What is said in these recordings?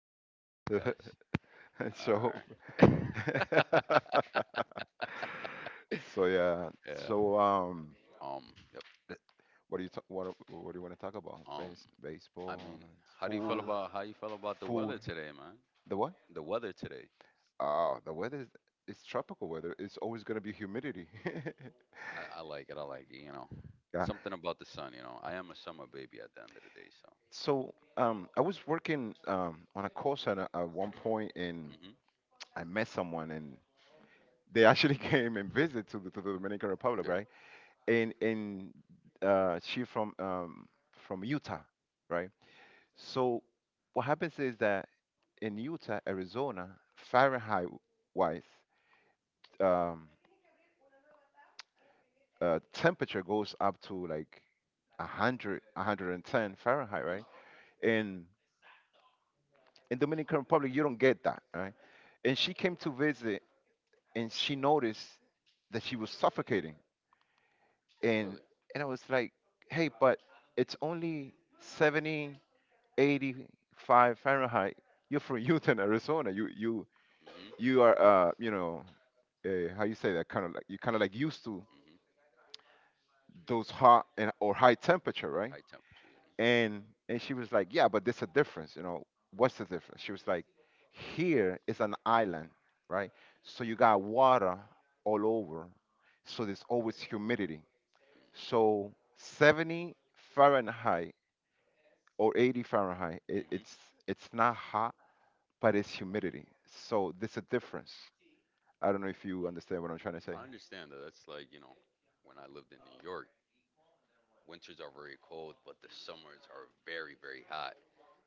I mean, podcast. so All right. so yeah Yeah. so Um. Yep. what do you ta- what do you want to talk about Um. I baseball? mean, how do you feel Food. about how you feel about the Food. weather today, man? The what? The weather today. Oh, the weather is, it's tropical weather, it's always going to be humidity. I like it. I like it. You know, Yeah. something about the sun. You know, I am a summer baby at the end of the day. So. So I was working on a call center at one point, and Mhm. I met someone, and they actually came and visit to to the Dominican Republic, Yeah. right? And she from Utah, right. So what happens is that in Utah, Arizona, Fahrenheit wise, um, temperature goes up to like 100, 110 Fahrenheit, Mhm. right? In in Dominican Republic, you don't get that, right? And she came to visit, and she noticed that she was suffocating, and Really. I was like, hey, but it's only 70, 85 Fahrenheit. You're from Utah, Arizona. You Mhm. you are you know, uh, how you say, that kind of like, you kind of like used to Mhm. those hot and or high temperature, right? High temperatures. And she was like, yeah, but there's a difference. What's the difference? She was like, here is an island, right? So you got water all over, so there's always humidity. So 70 Fahrenheit or 80 Fahrenheit, Mhm. Mm. Mhm. It's not hot, but it's humidity. So there's a difference. I don't know if you understand what I'm trying to say. I understand that. That's like, when I lived in New York. Winters are very cold, but the summers are very, very hot.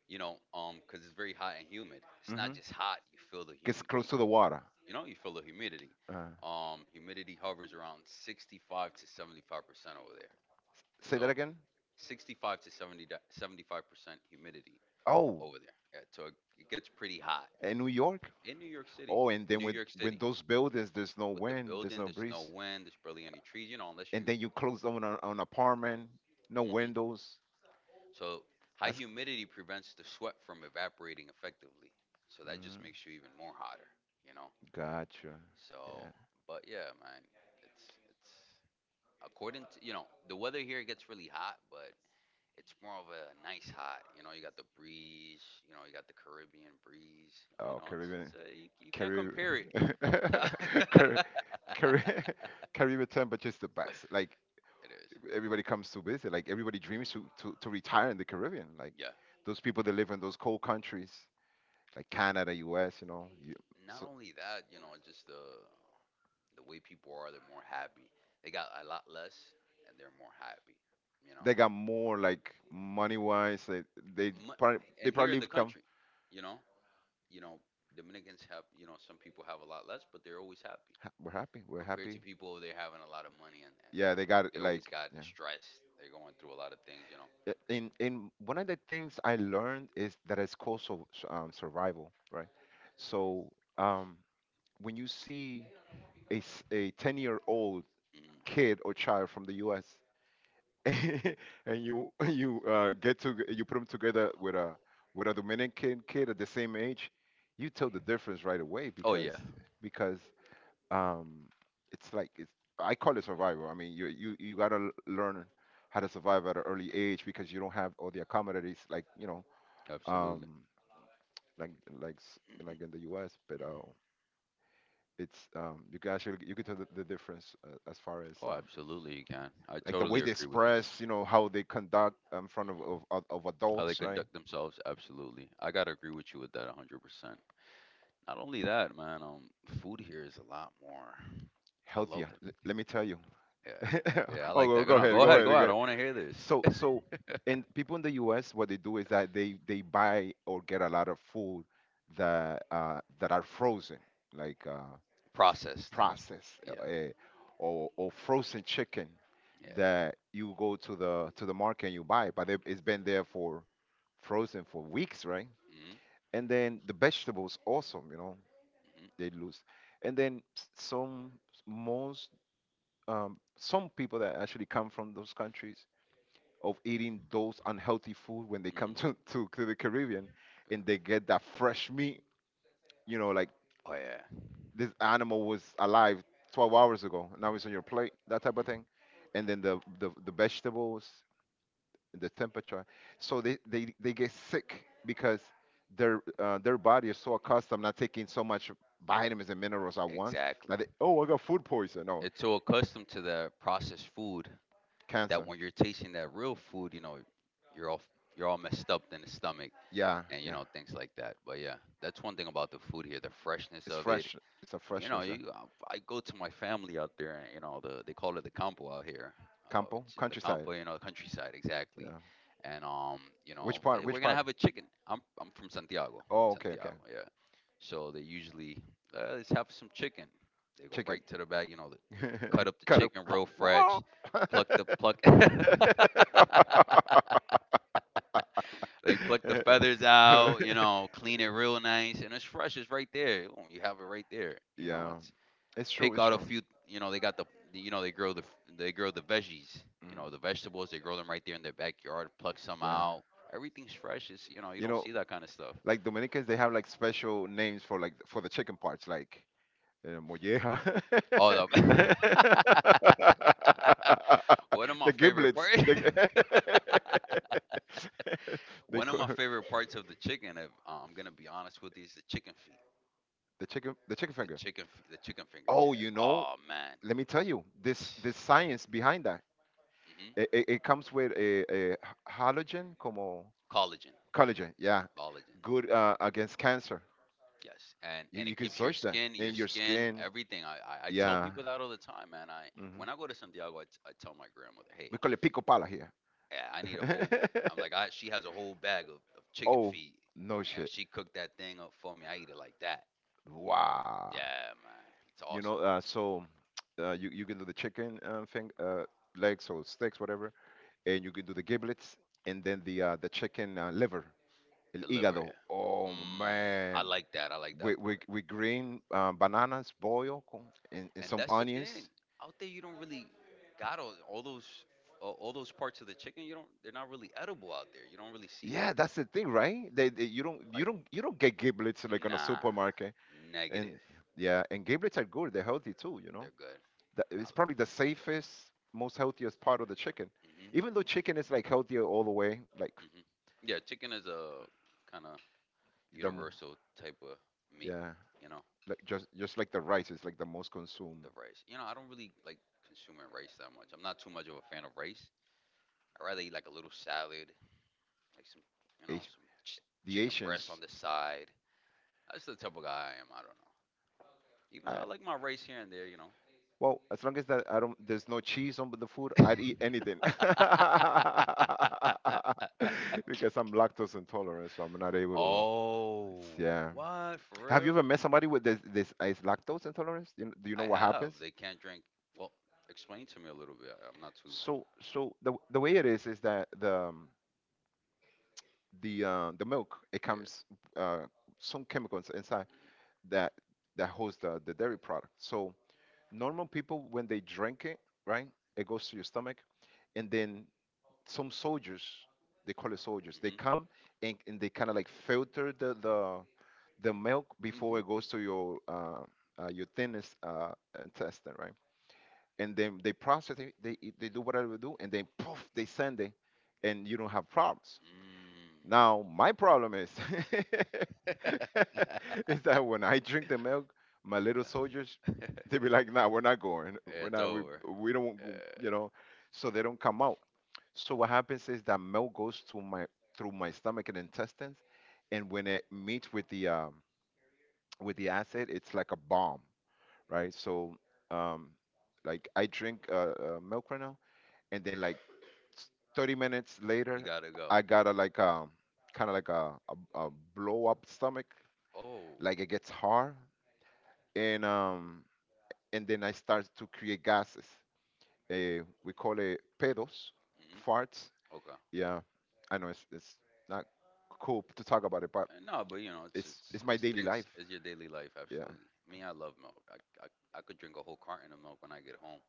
You know, because it's very hot and humid. It's Hmm. not just hot; Gets close to the water. You feel the humidity. Uh, Humidity hovers around 65 to 75% over there. Say that So again. 65 to 70, 75% humidity Oh, over there. Yeah, so it gets pretty hot in New York. in New York City. Oh, and then New with, York when City, those buildings, there's no the wind, there's building, no there's no breeze, wind, there's barely any trees. You know, unless and then you close down on an apartment, no windows. So high That's, humidity prevents the sweat from evaporating effectively. So that just mm, makes you even more hotter, you know? gotcha. So, Yeah. but yeah, man, it's, according to, you know, the weather here gets really hot, but it's more of a nice hot. You know, you got the breeze, you know, you got the Caribbean breeze. You Oh, know, Caribbean, you can't Caribbean, compare it to- Caribbean, Caribbean temperature's the best. Like it is. everybody comes to visit. Like everybody dreams Mhm. To retire in the Caribbean. Like Yeah. those people that live in those cold countries, like Canada, U.S. You know, you, Not so only that, you know, just the way people are, they're more happy. They got a lot less, and they're more happy. You know, they got more like money wise. They Mu- probably, they and here in probably the come. country, you know, you know, Dominicans have, you know, some people have a lot less, but they're always happy We're happy. We're compared to happy. people over there having a lot of money, and Yeah, they got they always like, got yeah. stressed. They're going through a lot of things, you know. In one of the things I learned is that it's called, survival, right? So um, when you see a 10-year old Mm. kid or child from the U.S. and you you get to, you put them together with a Dominican kid at the same age, you tell the difference right away, Oh because yeah, because um it's, I call it survival. I mean, you got to learn how to survive at an early age, because you don't have all the accommodations, like, you know, absolutely. um like, like s- like in the US, but it's, you can actually, you can tell the difference as far as Oh, absolutely, you can. I like the totally way they agree with you. express, you know, how they conduct in front of of How they adults, right. conduct themselves, absolutely. I gotta agree with you with that 100%. Not only that, man. Food here is a lot more. I love Healthier. the L- let me tell you. Yeah, yeah, I Oh, like go, that. Go no, go go ahead, go ahead. ahead. I want to hear this. So, and people in the US, what they do is that they buy or get a lot of food that that are frozen, like, Processed. processed, Yeah, or, frozen chicken yeah. that you go to the market and you buy, but it- it's been there for frozen for weeks, right. Mm-hmm. And then the vegetables also, you know, they lose. And then s- some most, some people that actually come from those countries of eating those unhealthy food, when they Mm-hmm. come Mm-hmm. To the Caribbean, and Yeah. they get that fresh meat, you know, like Oh yeah. this animal was alive 12 hours ago, now it's on your plate, that type of Hmm. thing. And then the vegetables, the temperature. So they get sick because their body is so accustomed not taking so much vitamins and minerals at once, Exactly. that they, oh, I got food poison. No, It's so accustomed to the processed food that cancer. when you're tasting that real food, you know, you're all you're all messed up in the stomach, Yeah, and you yeah. know things like that. But yeah, that's one thing about the food here, the freshness It's of it fresh. It's a you know, freshness. Yeah. you I go to my family out there, and they call it the campo out here, Campo, which is the campo, countryside. you know, the countryside exactly. Yeah. And Which part? hey, we're Which gonna part? have a chicken. I'm from Santiago, Oh, okay, okay. Santiago, yeah. So they usually let's have some chicken. They go Chicken. right to the bag, you know, they cut up the Cut up. chicken real fresh, pluck the pluck. They pluck the feathers out, you know, clean it real nice, and it's fresh. It's right there. Oh, you have it right there. You know, Yeah, it's true. pick It's out a true. few. You know, they got the you know they grow the veggies. You Mm, know, the vegetables, they grow them right there in their backyard. Pluck some yeah, out. Everything's fresh. It's, you you don't know, see that kind of stuff. like Dominicans, they have like special names for like for the chicken parts, like, molleja, Oh, the one of my the favorite giblets, parts. the, they One of call my favorite parts of the chicken. If, I'm gonna be honest with you, is the chicken feet, the chicken the finger. chicken feet, the chicken fingers. Oh, Yeah. you know, Oh man. let me tell you this, this science behind that. Hmm. It comes with a halogen, como Collagen, collagen. Yeah, collagen. good against cancer. Yes, and You, you it can keeps search that your in your skin, skin. everything. I tell Yeah. people that all the time, man. I Hmm. when I go to Santiago, I tell my grandmother, hey, We call it pico pala here. I need a whole. I'm like, I she has a whole bag of chicken Oh, feet, no and shit. she cooked that thing up for me. I eat it like that. Wow. Yeah, man, it's You awesome. know, so, you, you can do the chicken thing, legs or sticks, whatever, and you can do the giblets, and then the chicken liver, el The liver, hígado. yeah. Oh Mm, man, I like that. I like that. With green bananas, boil, con, and And some that's the thing. onions. Out there, you don't really got all those parts of the chicken. You don't. They're not really edible out there. You don't really see that. Yeah, that's the thing, right? You don't, Like, you don't get giblets like on a nah, supermarket, and, negative. yeah, and giblets are good. They're healthy too, you know. They're good. That, I it's love probably the safest, most healthiest part of the chicken. it. Mhm. Even though chicken is like healthier all the way, like, Mhm. Yeah, chicken is a kind of the m- universal type of meat. yeah, You know, like just, like the rice is like the most consumed. the rice. You know, I don't really like consuming rice that much. I'm not too much of a fan of rice. I rather eat like a little salad, like some, you know, Asi- some ch- The chicken breast Asians, on the side. That's the type of guy I am. I don't know. Even though I, I like my rice here and there, you know. well, as long as that I don't, there's no cheese on the food, I'd eat anything. Uh, uh, uh, Because I'm lactose intolerant, so I'm not able to. Oh, Yeah. what, for Have you real? ever met somebody with this is lactose intolerance? Do you know I what have. happens? They can't drink. Well, explain to me a little bit. I'm not too. So, so the way it is that the, the, the milk, it Yeah. comes, uh, some chemicals inside Mm-hmm. that, holds the dairy product. So normal people when they drink it, right, it goes to your stomach, and then some soldiers, they call it soldiers, they Hmm. come and they kind of like filter the milk before it goes to your, your thinnest, intestine, right. And then they process it, they do whatever they do, and then poof, they send it, and you don't have problems Mm. now. My problem is is that when I drink the milk, my little soldiers, they be like, "Nah, we're not going. We're It's not. We over. we don't. You Uh, know." So they don't come out. So what happens is that milk goes to my, through my stomach and intestines, and when it meets with the, with the acid, it's like a bomb, right? So, um, like I drink, milk right now, and then, like, 30 minutes you later, gotta go. I got a like, kind of like a blow up stomach, Oh. like it gets hard, and, um, and then I start to create gases. We call it pedos, Hmm. farts. Okay. Yeah, I know it's not cool to talk about it, but No, but you know, it's it's it's my it's daily things. life. It's your daily life, Yeah, absolutely. Me, I love milk. I I could drink a whole carton of milk when I get home.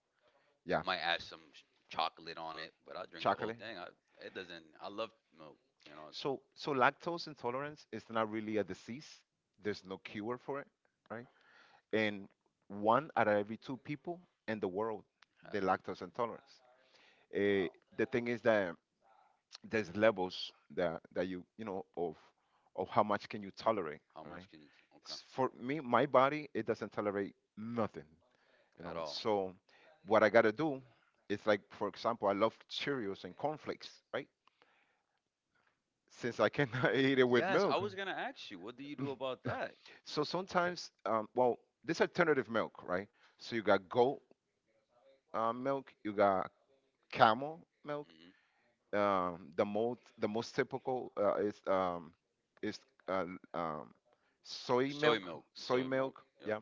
yeah, Might add some chocolate on it, but I drink the whole chocolate. thing. I it doesn't. I love milk. You know. So, lactose intolerance is not really a disease. There's no cure for it, right? And one out of every two people in the world they lactose intolerance. Eh, Uh, the thing is that there's levels that, you, you know, of how much can you tolerate, How much right? can you? Okay. For me, my body, it doesn't tolerate nothing, you At know. all. So what I gotta do is, like, for example, I love Cheerios and cornflakes, right? Since I cannot eat it with Yes, I milk. was gonna ask you, what do you do about that? So sometimes, well, this alternative milk, right? So you got goat, milk. You got camel milk. Hmm. The most typical, is, is uh, um, soy Soy milk, milk, soy soy milk. milk. Yep. Yeah,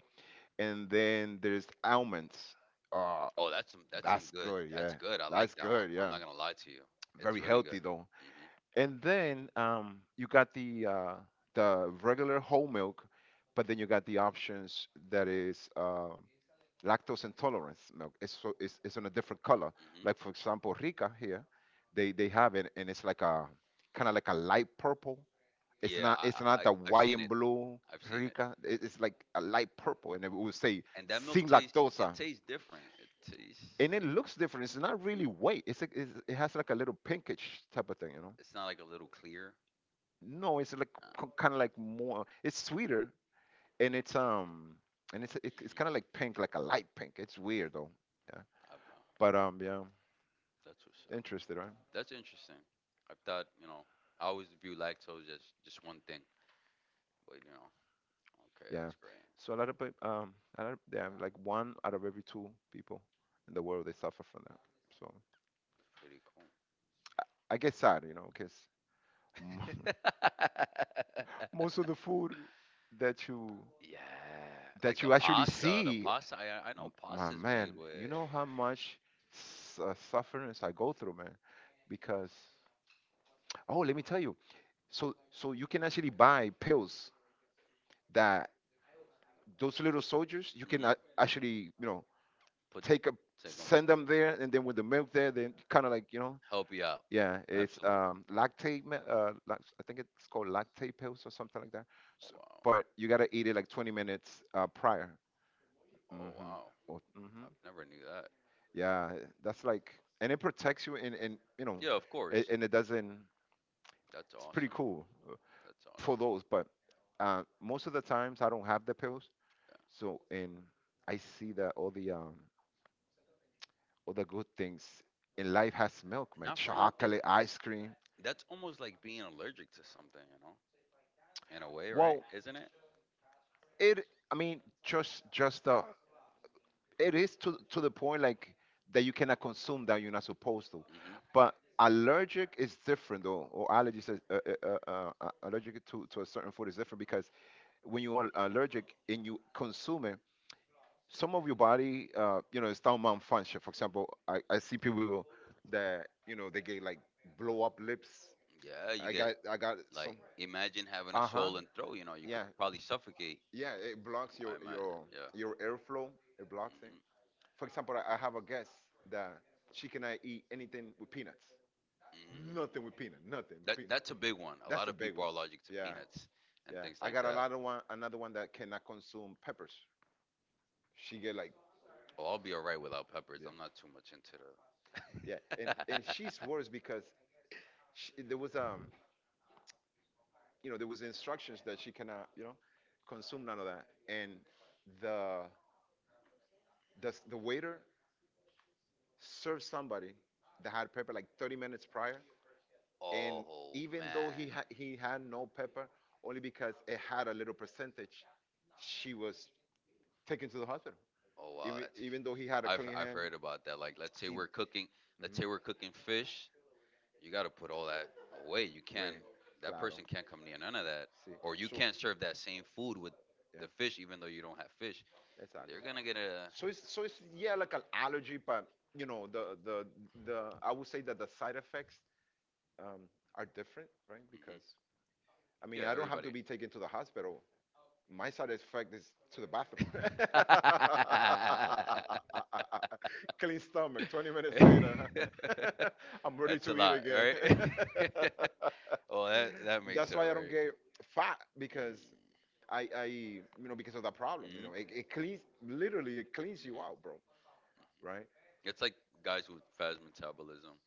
and then there's almonds. Uh, Oh, that's some that's good. good. That's Yeah, good. I like that's that one. good. I'm Yeah, not gonna lie to you. It's very really good. healthy though. Hmm. And then, you got the, the regular whole milk, but then you got the options that is, lactose intolerance milk. Is, so it's on a different color. Like Hmm. for example, Rica here, they have it, and it's like a kind of like a light purple. It's Yeah, not, it's not the I've white seen and it. blue I've seen it. Rica. It- It's Hmm. like a light purple, and it would say And that milk sin tastes it lactosa, tastes different. It tastes. and it looks different. It's not really white. It's like it's, it has like a little pinkish type of thing, you know. It's not like a little clear. No, it's like Uh, kind of like more. It's sweeter, and it's, and it's, it, it's kind of like hmm pink, like a light pink. It's weird though. Yeah. I, uh, But, yeah. that's what's up. Interested, right? That's interesting. I thought, you know, I always view lactose as just one thing, but you know, okay, Yeah. that's great. So a lot of people, a lot of, yeah, like one out of every two people in the world they suffer from that. So That's pretty cool. I get sad, you know, because most of the food that you, Yeah, like that the you actually pasta, the see, pasta. I know my pasta's made man, with. you know how much, sufferance I go through, man. Because oh, let me tell you, so you can actually buy pills that those little soldiers you can Hmm. Actually Put take a Take them, send them there, and then with the milk there, then kind of like help you out. yeah, it's Absolutely. Lactate. I think it's called lactate pills or something like that. Oh So, wow. but you gotta eat it like 20 minutes prior. Oh Mm-hmm. wow. Oh, mm-hmm. I never knew that. Yeah, that's like, and it protects you, and Yeah, of course. and it doesn't. That's It's pretty awesome. cool That's for awesome. those, but most of the times I don't have the pills, Yeah. so and I see that all the good things in life has milk, man. Not for nothing. Chocolate, ice cream. That's almost like being allergic to something, you know, in a way, right? Well, Isn't it? it. I mean, just it is to the point like that you cannot consume that you're not supposed to. Mm-hmm. But allergic is different though, or allergies is, allergic to a certain food is different because when you are allergic and you consume it, some of your body, start malfunction. For example, I see that they get like blow up lips. Yeah, you get I got some. like, imagine having a Uh huh. swollen throat. You know, you could Yeah, probably suffocate. yeah, it blocks I imagine. Yeah. your airflow. It blocks it. For example, I have a guest that she cannot eat anything with peanuts, Hmm. nothing with Mm. peanut, nothing That Pe- that's a big one. A That's lot a of big people one. are allergic to Yeah, peanuts and yeah, things I like got a that. lot of one, another one that cannot consume peppers. She get like, Oh, I'll be alright without peppers. yeah, I'm not too much into yeah, the. and she's worse because there was there was instructions that she cannot consume none of that, and the the waiter served somebody that had pepper like 30 minutes prior, and Oh even though man. He had no pepper, only because it had a little percentage, she was taken to the hospital. Oh wow, that's. Even though he had a I've clean I've hand, heard about that. Like, let's say see, mhm, we're cooking. Let's say we're cooking fish. You got to put all that away. You way, can't. That claro, person can't come near none of that, see, or you so can't serve that same food with the yeah, fish, even though you don't have fish. exactly. They're gonna get a. So it's, yeah, like an allergy, but you know the I would say that the side effects um, are different, right? Because Hmm. I mean Yeah, I don't have everybody. to be taken to the hospital. My satisfaction is to the bathroom. Clean stomach. Twenty minutes later, I'm ready That's a to eat lot, again. right? Oh, that makes That's all why I don't right. get fat Mm-hmm. because I, because of that problem. You know, Mm-hmm. it cleans, literally it cleans you Mm-hmm. out, bro. Right? It's like guys with fast metabolism.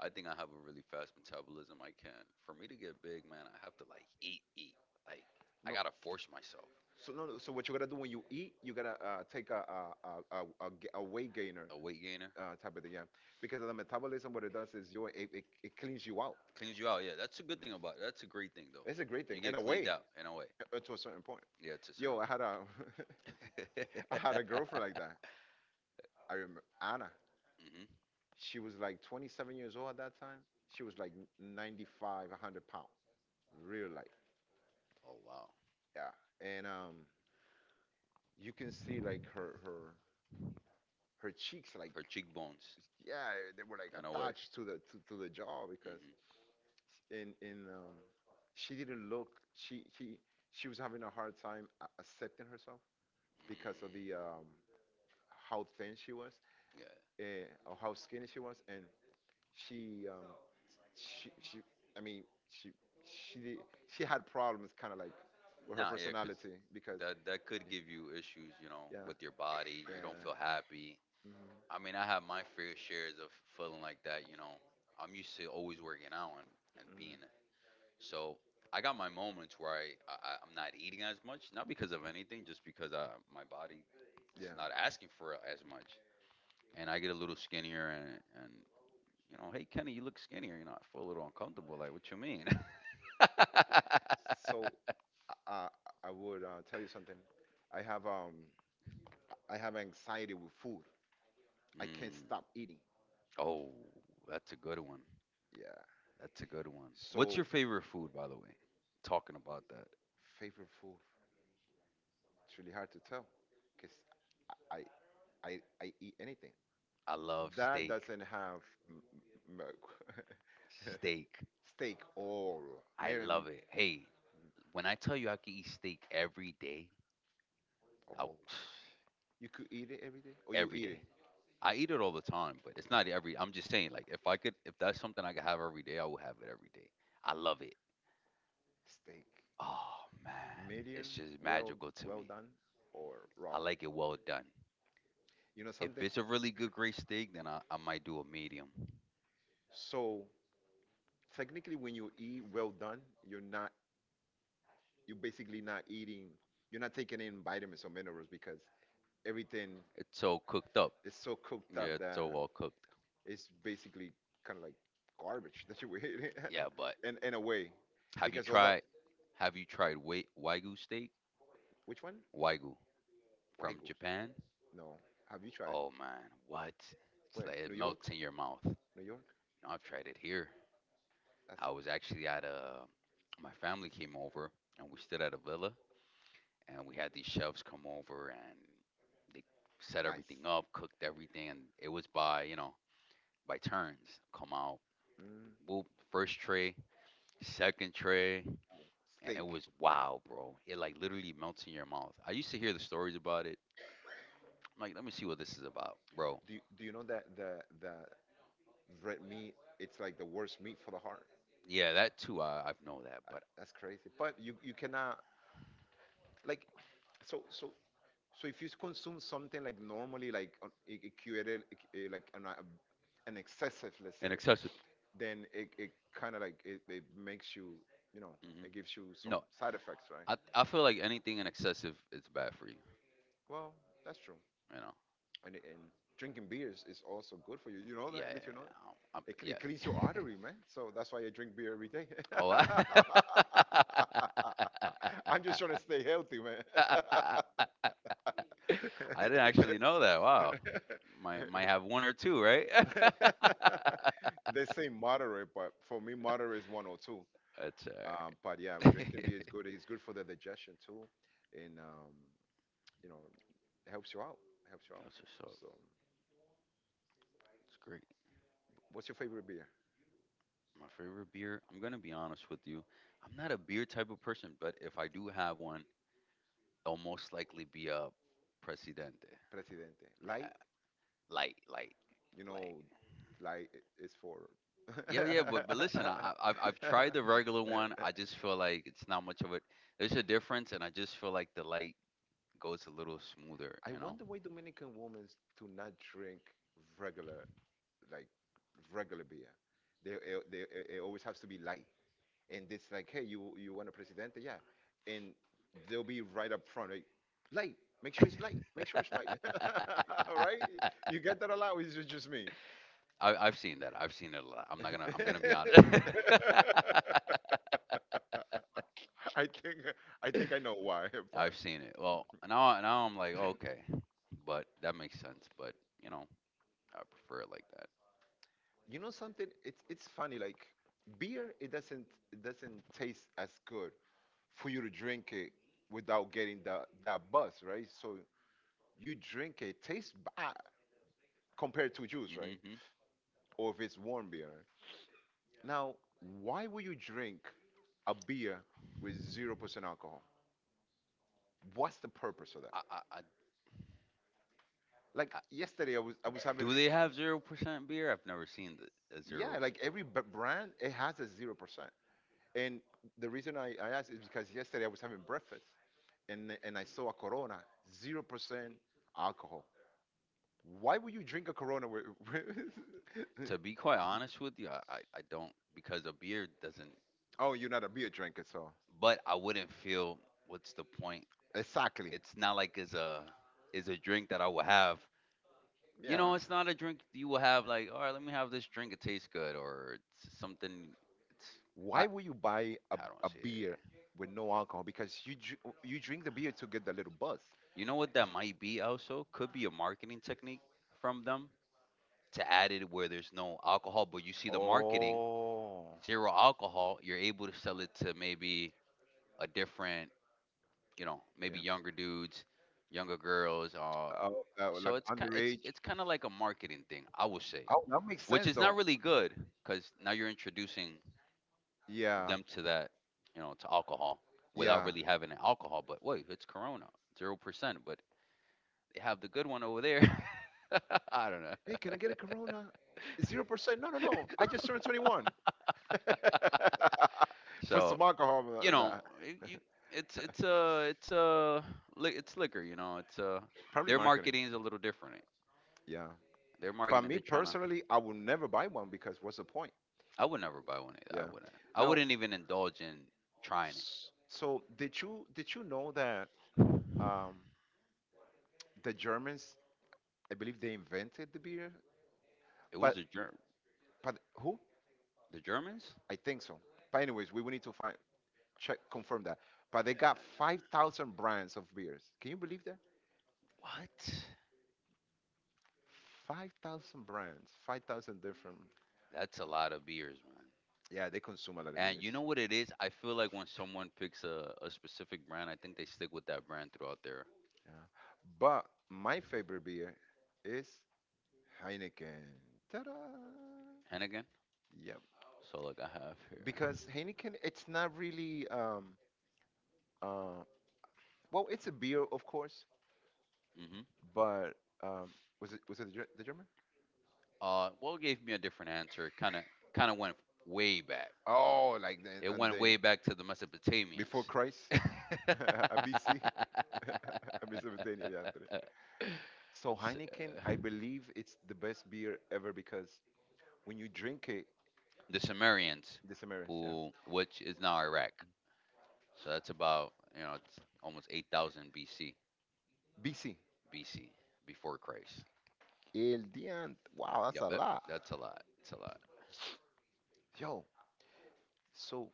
I think I have a really fast metabolism. I can't. For me to get big, man, I have to like eat, eat. Like, I No. gotta force myself. So, no, no, so what you gotta do when you eat, you gotta take a weight gainer A weight gainer type of thing, yeah. Because of the metabolism, what it does is it cleans you out. cleans you out. Yeah, that's a good thing about it. That's a great thing though. It's a great thing You in get a cleaned way, out in a way. To a certain point. Yeah, to a certain. Yo, I had a I had a Hmm. girlfriend like that. I remember Anna. She was like 27 years old at that time. She was like 95, 100 pounds, real light. Oh wow, Yeah, and you can see like her cheeks like, her cheekbones yeah, they were like in a way. attached to the to the jaw because Hmm. In she didn't look, she she she was having a hard time accepting herself Mm, because of the how thin she was, yeah. Of how skinny she was, and she um she, I mean, she she did, she had problems, kind of like, with her Nah, yeah, 'cause personality because, that could yeah, give you issues, you know, yeah, with your body. You don't yeah, feel happy. mhm, I mean, I have my fair shares of feeling like that. You know, I'm used to always working out and being mhm, so. I got my moments where I'm not eating as much, not because of anything, just because my body's yeah. not asking for it as much, and I get a little skinnier, and you know, hey, Kenny, you look skinnier. You know, I feel a little uncomfortable. Like, what you mean? So I I would tell you something. I have um I have anxiety with food. I can't stop Mm. eating. Oh, that's a good one. Yeah. That's a good one. What's your So, favorite food, by the way? Talking about that, favorite food. It's really hard to tell because I I eat anything. I love That steak. doesn't have m- m- m- Steak. steak or I medium. love it. Hey, when I tell you I can eat steak every day, I'll, Oh, you could eat it every day, or you every eat day. it I eat it all the time, but it's not every. I'm just saying, like, if I could, if that's something I could have every day, I would have it every day. I love it. steak, Oh man, it's medium, just well, magical to well me. done, or I raw. like it well done. You know If something? it's a really good, great steak, then I might do a medium. So technically, when you eat well done, you're not you're basically not eating. You're not taking in vitamins or minerals because everything It's so cooked up. is so cooked Yeah, up it's that so well cooked. it's basically kind of like garbage that you eat, Yeah, but in a way, have you because all the, tried? Have you tried, wait, Wagyu steak? which one? Wagyu from Wagyu. Japan. No, have you tried? Oh man, what? It's Where? like it New York? melts in your mouth. No, New York? I've tried it here. That's I was actually at a. My family came over and we stood at a villa and we had these chefs come over and they set everything nice. up, cooked everything, and it was by by turns. Come out, Mm. whoop, first tray, second tray, and it Steak. was wow, bro. It like literally melts in your mouth. I used to hear the stories about it. I'm like, let me see what this is about, bro. Do you know that the red meat, it's like the worst meat for the heart? Yeah, that too. I know that, but That's crazy. But you cannot, like, so so so if you consume something, like, normally, like, a curated, like an excessive, let's an say, excessive. then it kind of like it makes you, you know, it Mm-hmm. gives you some No, side effects, right? I feel like anything in excessive is bad for you. Well, that's true. You know. And drinking beers is also good for you. You know Yeah, yeah, that? Did you know yeah. That? It cleans your yeah. artery, man. So that's why I drink beer every day. Oh. I I'm just trying to stay healthy, man. I didn't actually know that. Wow. Might have one or two, right? That's They say moderate, but for me, moderate is 102. alright. But yeah, drinking That's beer is good. It's good for the digestion too, and you know, it helps you out. Helps you out. just so So, It's great. what's your favorite beer? My favorite beer. I'm gonna be honest with you. I'm not a beer type of person, but if I do have one, it'll most likely be a Presidente. Presidente? Yeah, Light? like like You like know, is for. yeah, yeah, but listen, I've tried the regular one. I just feel like it's not much of it. There's a difference, and I just feel like the light goes a little smoother, I you know. wonder why Dominican women do not drink regular, like, regular beer. It it always has to be light. And it's like, hey, you want a presidente? Yeah. And they'll be right up front, like, light. Make sure it's light. Make sure it's light. Right? You get that a lot, or is it just me? I've seen it a lot. I'm not gonna I'm gonna be honest. I think I think I know why, but I've seen it. Well, now I'm like okay, but that makes sense. But you know I prefer it like that. you know something? It's funny. Like, beer, it doesn't taste as good for you to drink it without getting that buzz, right? So you drink it, tastes bad compared to juice, right? Hmm. Or if it's warm beer. Now, why would you drink a beer with 0% alcohol? What's the purpose of that? I, I, I, Like yesterday, I was having, do they have 0% beer? I've never seen the, a zero yeah, like every brand it has a 0%. And the reason I asked is because yesterday I was having breakfast, and I saw a Corona 0% alcohol. Why would you drink a Corona? To be quite honest with you. I don't, because a beer doesn't. Oh, you're not a beer drinker, so But I wouldn't feel what's the point. exactly. It's not like it's a is a drink that I will have. You Yeah. know, it's not a drink you will have like, all right, let me have this drink. It tastes good, or it's something. It's I Why would you buy don't a see it. beer with no alcohol? Because you drink the beer to get the little buzz. You know what, that might be also, could be a marketing technique from them, to add it where there's no alcohol, but you see the marketing Oh. zero alcohol. You're able to sell it to maybe a different, you know, Yeah. maybe younger dudes, younger girls, Uh, so like underage. it's kind of like a marketing thing, I would say, Oh, that makes which sense is not though. really good, because now you're introducing Yeah, them to that, you know, to alcohol, without yeah. really having an alcohol. But wait, it's Corona 0%, but they have the good one over there. I don't Hey, can know. I get a Corona? 0%? No, no, no. I just turned 21. For So, some alcohol, you know, nah. it- you it's it's liquor, you know. It's Probably Their marketing. marketing is a little different. Yeah. Their But marketing They're me trying to, personally, I would never buy one because what's the point? I would never buy one either. Yeah. I wouldn't. I Now, wouldn't even indulge in trying it. So did you know that um, the Germans, I believe, they invented the beer, It but was the Germ who? The Germans? I think so. But anyways, we will need to find, check, confirm that. But they got 5,000 brands of beers. Can you believe that? What? 5,000 brands, 5,000 different. That's a lot of beers, man. Yeah, they consume a lot of And beers. you know what it is? I feel like when someone picks a specific brand, I think they stick with that brand throughout their Yeah. But my favorite beer is Heineken. Ta-da! Hennigan. Yeah, So like I have here. because Heineken, it's not really um, well, it's a beer, of course, Hmm. but um, was it the, the German? What gave me a different answer? Kind of went way back. Oh, like It the, on went the way back to the before Mesopotamians. Christ, a BC, Mesopotamia, yeah, Andre. So S- Heineken, uh, I believe it's the best beer ever because when you drink it, the Sumerians, the Samaritans, yeah, who which is now Iraq. So that's, about you know, it's almost 8,000 BC. BC. BC, before Christ. El día, wow, that's Yep, a lot, that's a lot. It's a lot. yo. So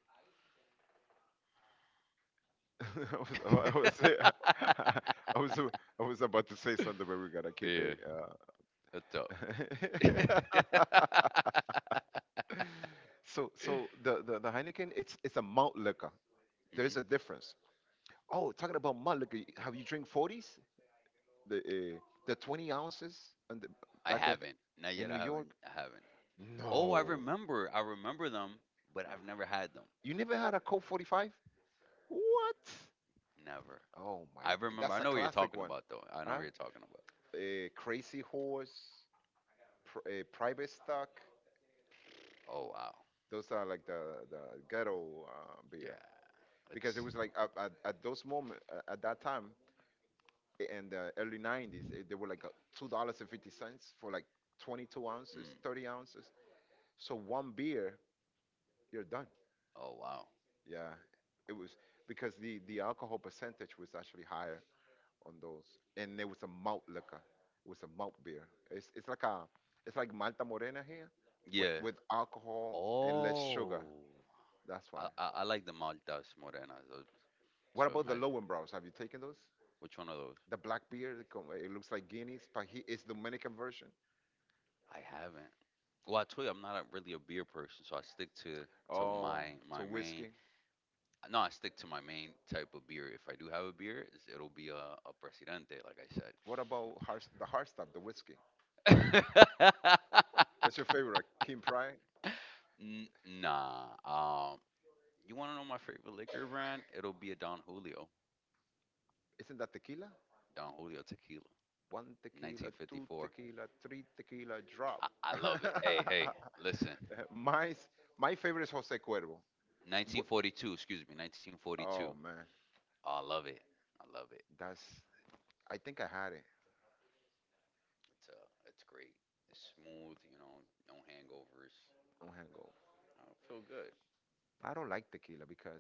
I was, I was, say- I was, I was about to say something, but we gotta keep Yeah, it. that's up. Uh, So, the, the Heineken, it's a malt liquor. There is a difference. Oh, talking about malt liquor, have you drink 40s? The uh, the 20 ounces and the, I back haven't. Not in yet. New I haven't. York? I haven't. Oh, No. I remember. I remember them, but I've never had them. You never had a Coke 45? What? Never. Oh my, I remember. I that's a know what you're classic talking one. about, though. I know Huh? what you're talking about. Crazy Horse, Private Stock. Oh wow. Those are like the ghetto beer. Yeah. Because it It's. was like at, those moment, at that time, in the early 90s, they were like, $2.50 for like 22 ounces, Mm. 30 ounces. So one beer you're done. Oh wow. Yeah. It was because the alcohol percentage was actually higher on those, and it was a malt liquor, it was a malt beer. It's like a, it's like malta morena here, with, Yeah. Alcohol and less sugar. Oh, That's why. I like the maltas morenas, What so about the imagine lowenbraus? Have you taken those, which one of those? the black beer? It it looks like Guinness, but it's dominican version. I haven't. Well, I told you I'm not a, really a beer person, so I stick to Oh, my to my main. whiskey. No, I stick to my main type of beer. If I do have a beer, it's, it'll be a Presidente, like What about hard, the hard stuff, the whiskey? I said. What's your favorite? King Pride? N- nah. You want to know my favorite liquor brand? It'll be a Don Julio. Isn't that tequila? Don Julio Tequila, One tequila, two 1954. tequila, three tequila drop. I love it. Hey, hey, listen. my, my favorite is Jose Cuervo. Wh- 1942, excuse me, Oh 1942. man, Oh, I love it. I love it. that's. I think I had it It's great. It's smooth. You know, no hangovers. on Hangover. I feel good. I don't like tequila because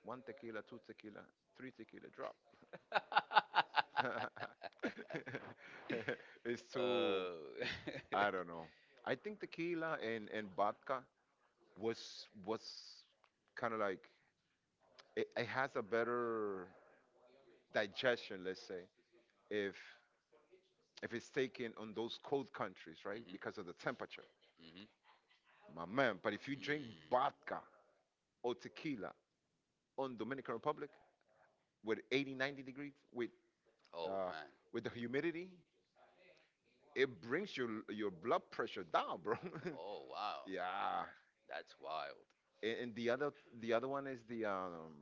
one tequila, two tequila, three tequila drop. It's too. Oh. Mhm. I don't Mhm. know. I think tequila and vodka was kind of like, it has a better digestion, let's say, if it's taken on those cold countries, right? Because of the temperature, Mm. my man. But if you drink vodka or tequila on Dominican Republic with 80, 90 degrees, Oh uh, man. with the humidity, it brings your blood pressure down, bro. Oh wow. Yeah. That's wild. And the other, one is the,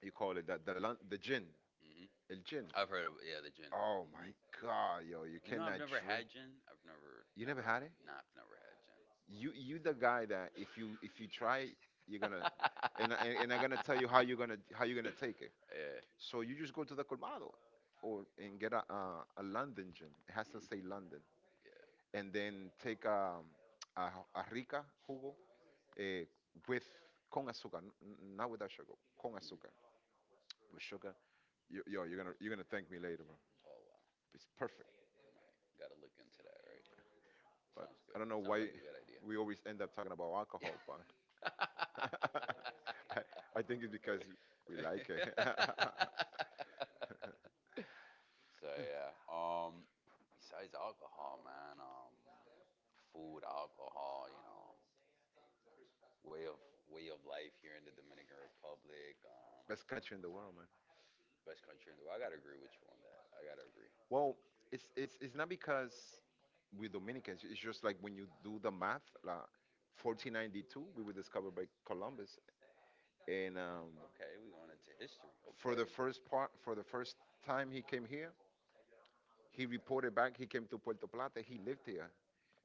you call it that the, the gin, Mhm. el gin. I've heard of, yeah, the gin. Oh my Mhm. God, yo, you You know, I've cannot never drink. had gin. I've You never had it? Never had gin. You the guy that if you try it, you're gonna, Yeah. And I'm gonna tell you how you're gonna take it. So you just go to the colmado, or and get a, a London gin. It has to Hmm. say London. Yeah. And then take, a rica jugo, eh, with con azúcar, not without sugar, con azúcar, Hmm. with sugar. Yo, yo, you're gonna thank me later, bro. Oh wow. It's perfect. Right. Gotta look into that. Right. But Sounds I good. don't know Sounds why like a good idea. we always end up talking about alcohol. I, I think it's because we like it. So yeah. Um, besides alcohol, man. Um, food, alcohol. You know. Way of Way of life here in the Dominican Republic. Um, Best country in the world, man. best country in the world. I gotta agree with you on that. I gotta agree. Well, it's not because we Dominicans. It's just like when you do the math, like, 1492, we were discovered by Columbus, and Okay. We going into history. Okay. For the first time he came here, he reported back. He came to Puerto Plata. He lived here.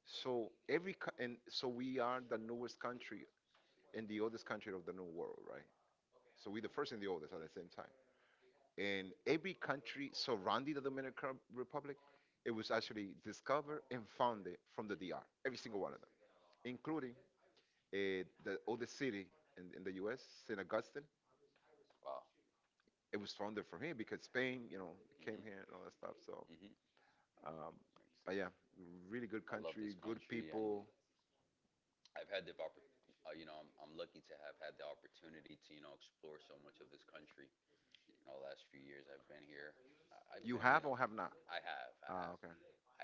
So and so we are the newest country and the oldest country of the New World, right? So we the first and the oldest at the same time. In every country surrounding the Dominican Republic, it was actually discovered and founded from the DR, Hmm. every single one of them, including the oldest city in, the U.S., St. Augustine. Wow. It was founded from here because Spain, came here Hmm. and all that stuff. So, Hmm. um, but yeah, really good I love country, this good country, and people. I've had the you know, I'm lucky to have had the opportunity to, you know, explore so much of this country. You know, the last few years I've been here, I've You been, you have know, or have not? I Ah, have, okay.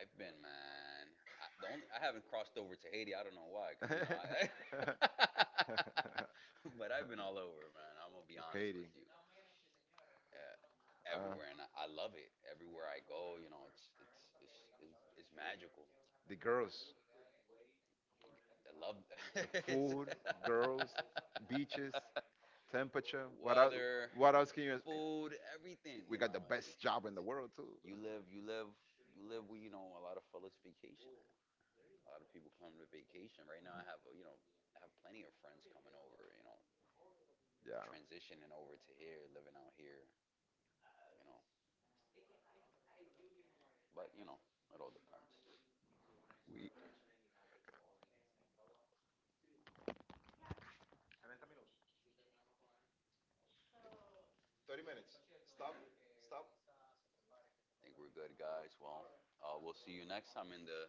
I've been, man. I, the only, I haven't crossed over to Haiti. I don't know why, because you know, I, but I've been all over, man. I'm gonna be honest with Haiti. you. Uh, Uh, everywhere, and I love it. Everywhere I go, you know, it's magical. the girls. I love The it's food, girls, beaches, temperature. What else? weather, What else can you? food, everything. We You got know, the best it's, job in the world too. you live, you live, you live where you know a lot of fellas vacation at. A lot of people come to vacation. Right now, I have, you know, I have plenty of friends coming over. You know, Yeah. transitioning over to here, living out here. You know, but you know, it all depends. We. 30 minutes. I think we're good, guys. Well, we'll see you next time in the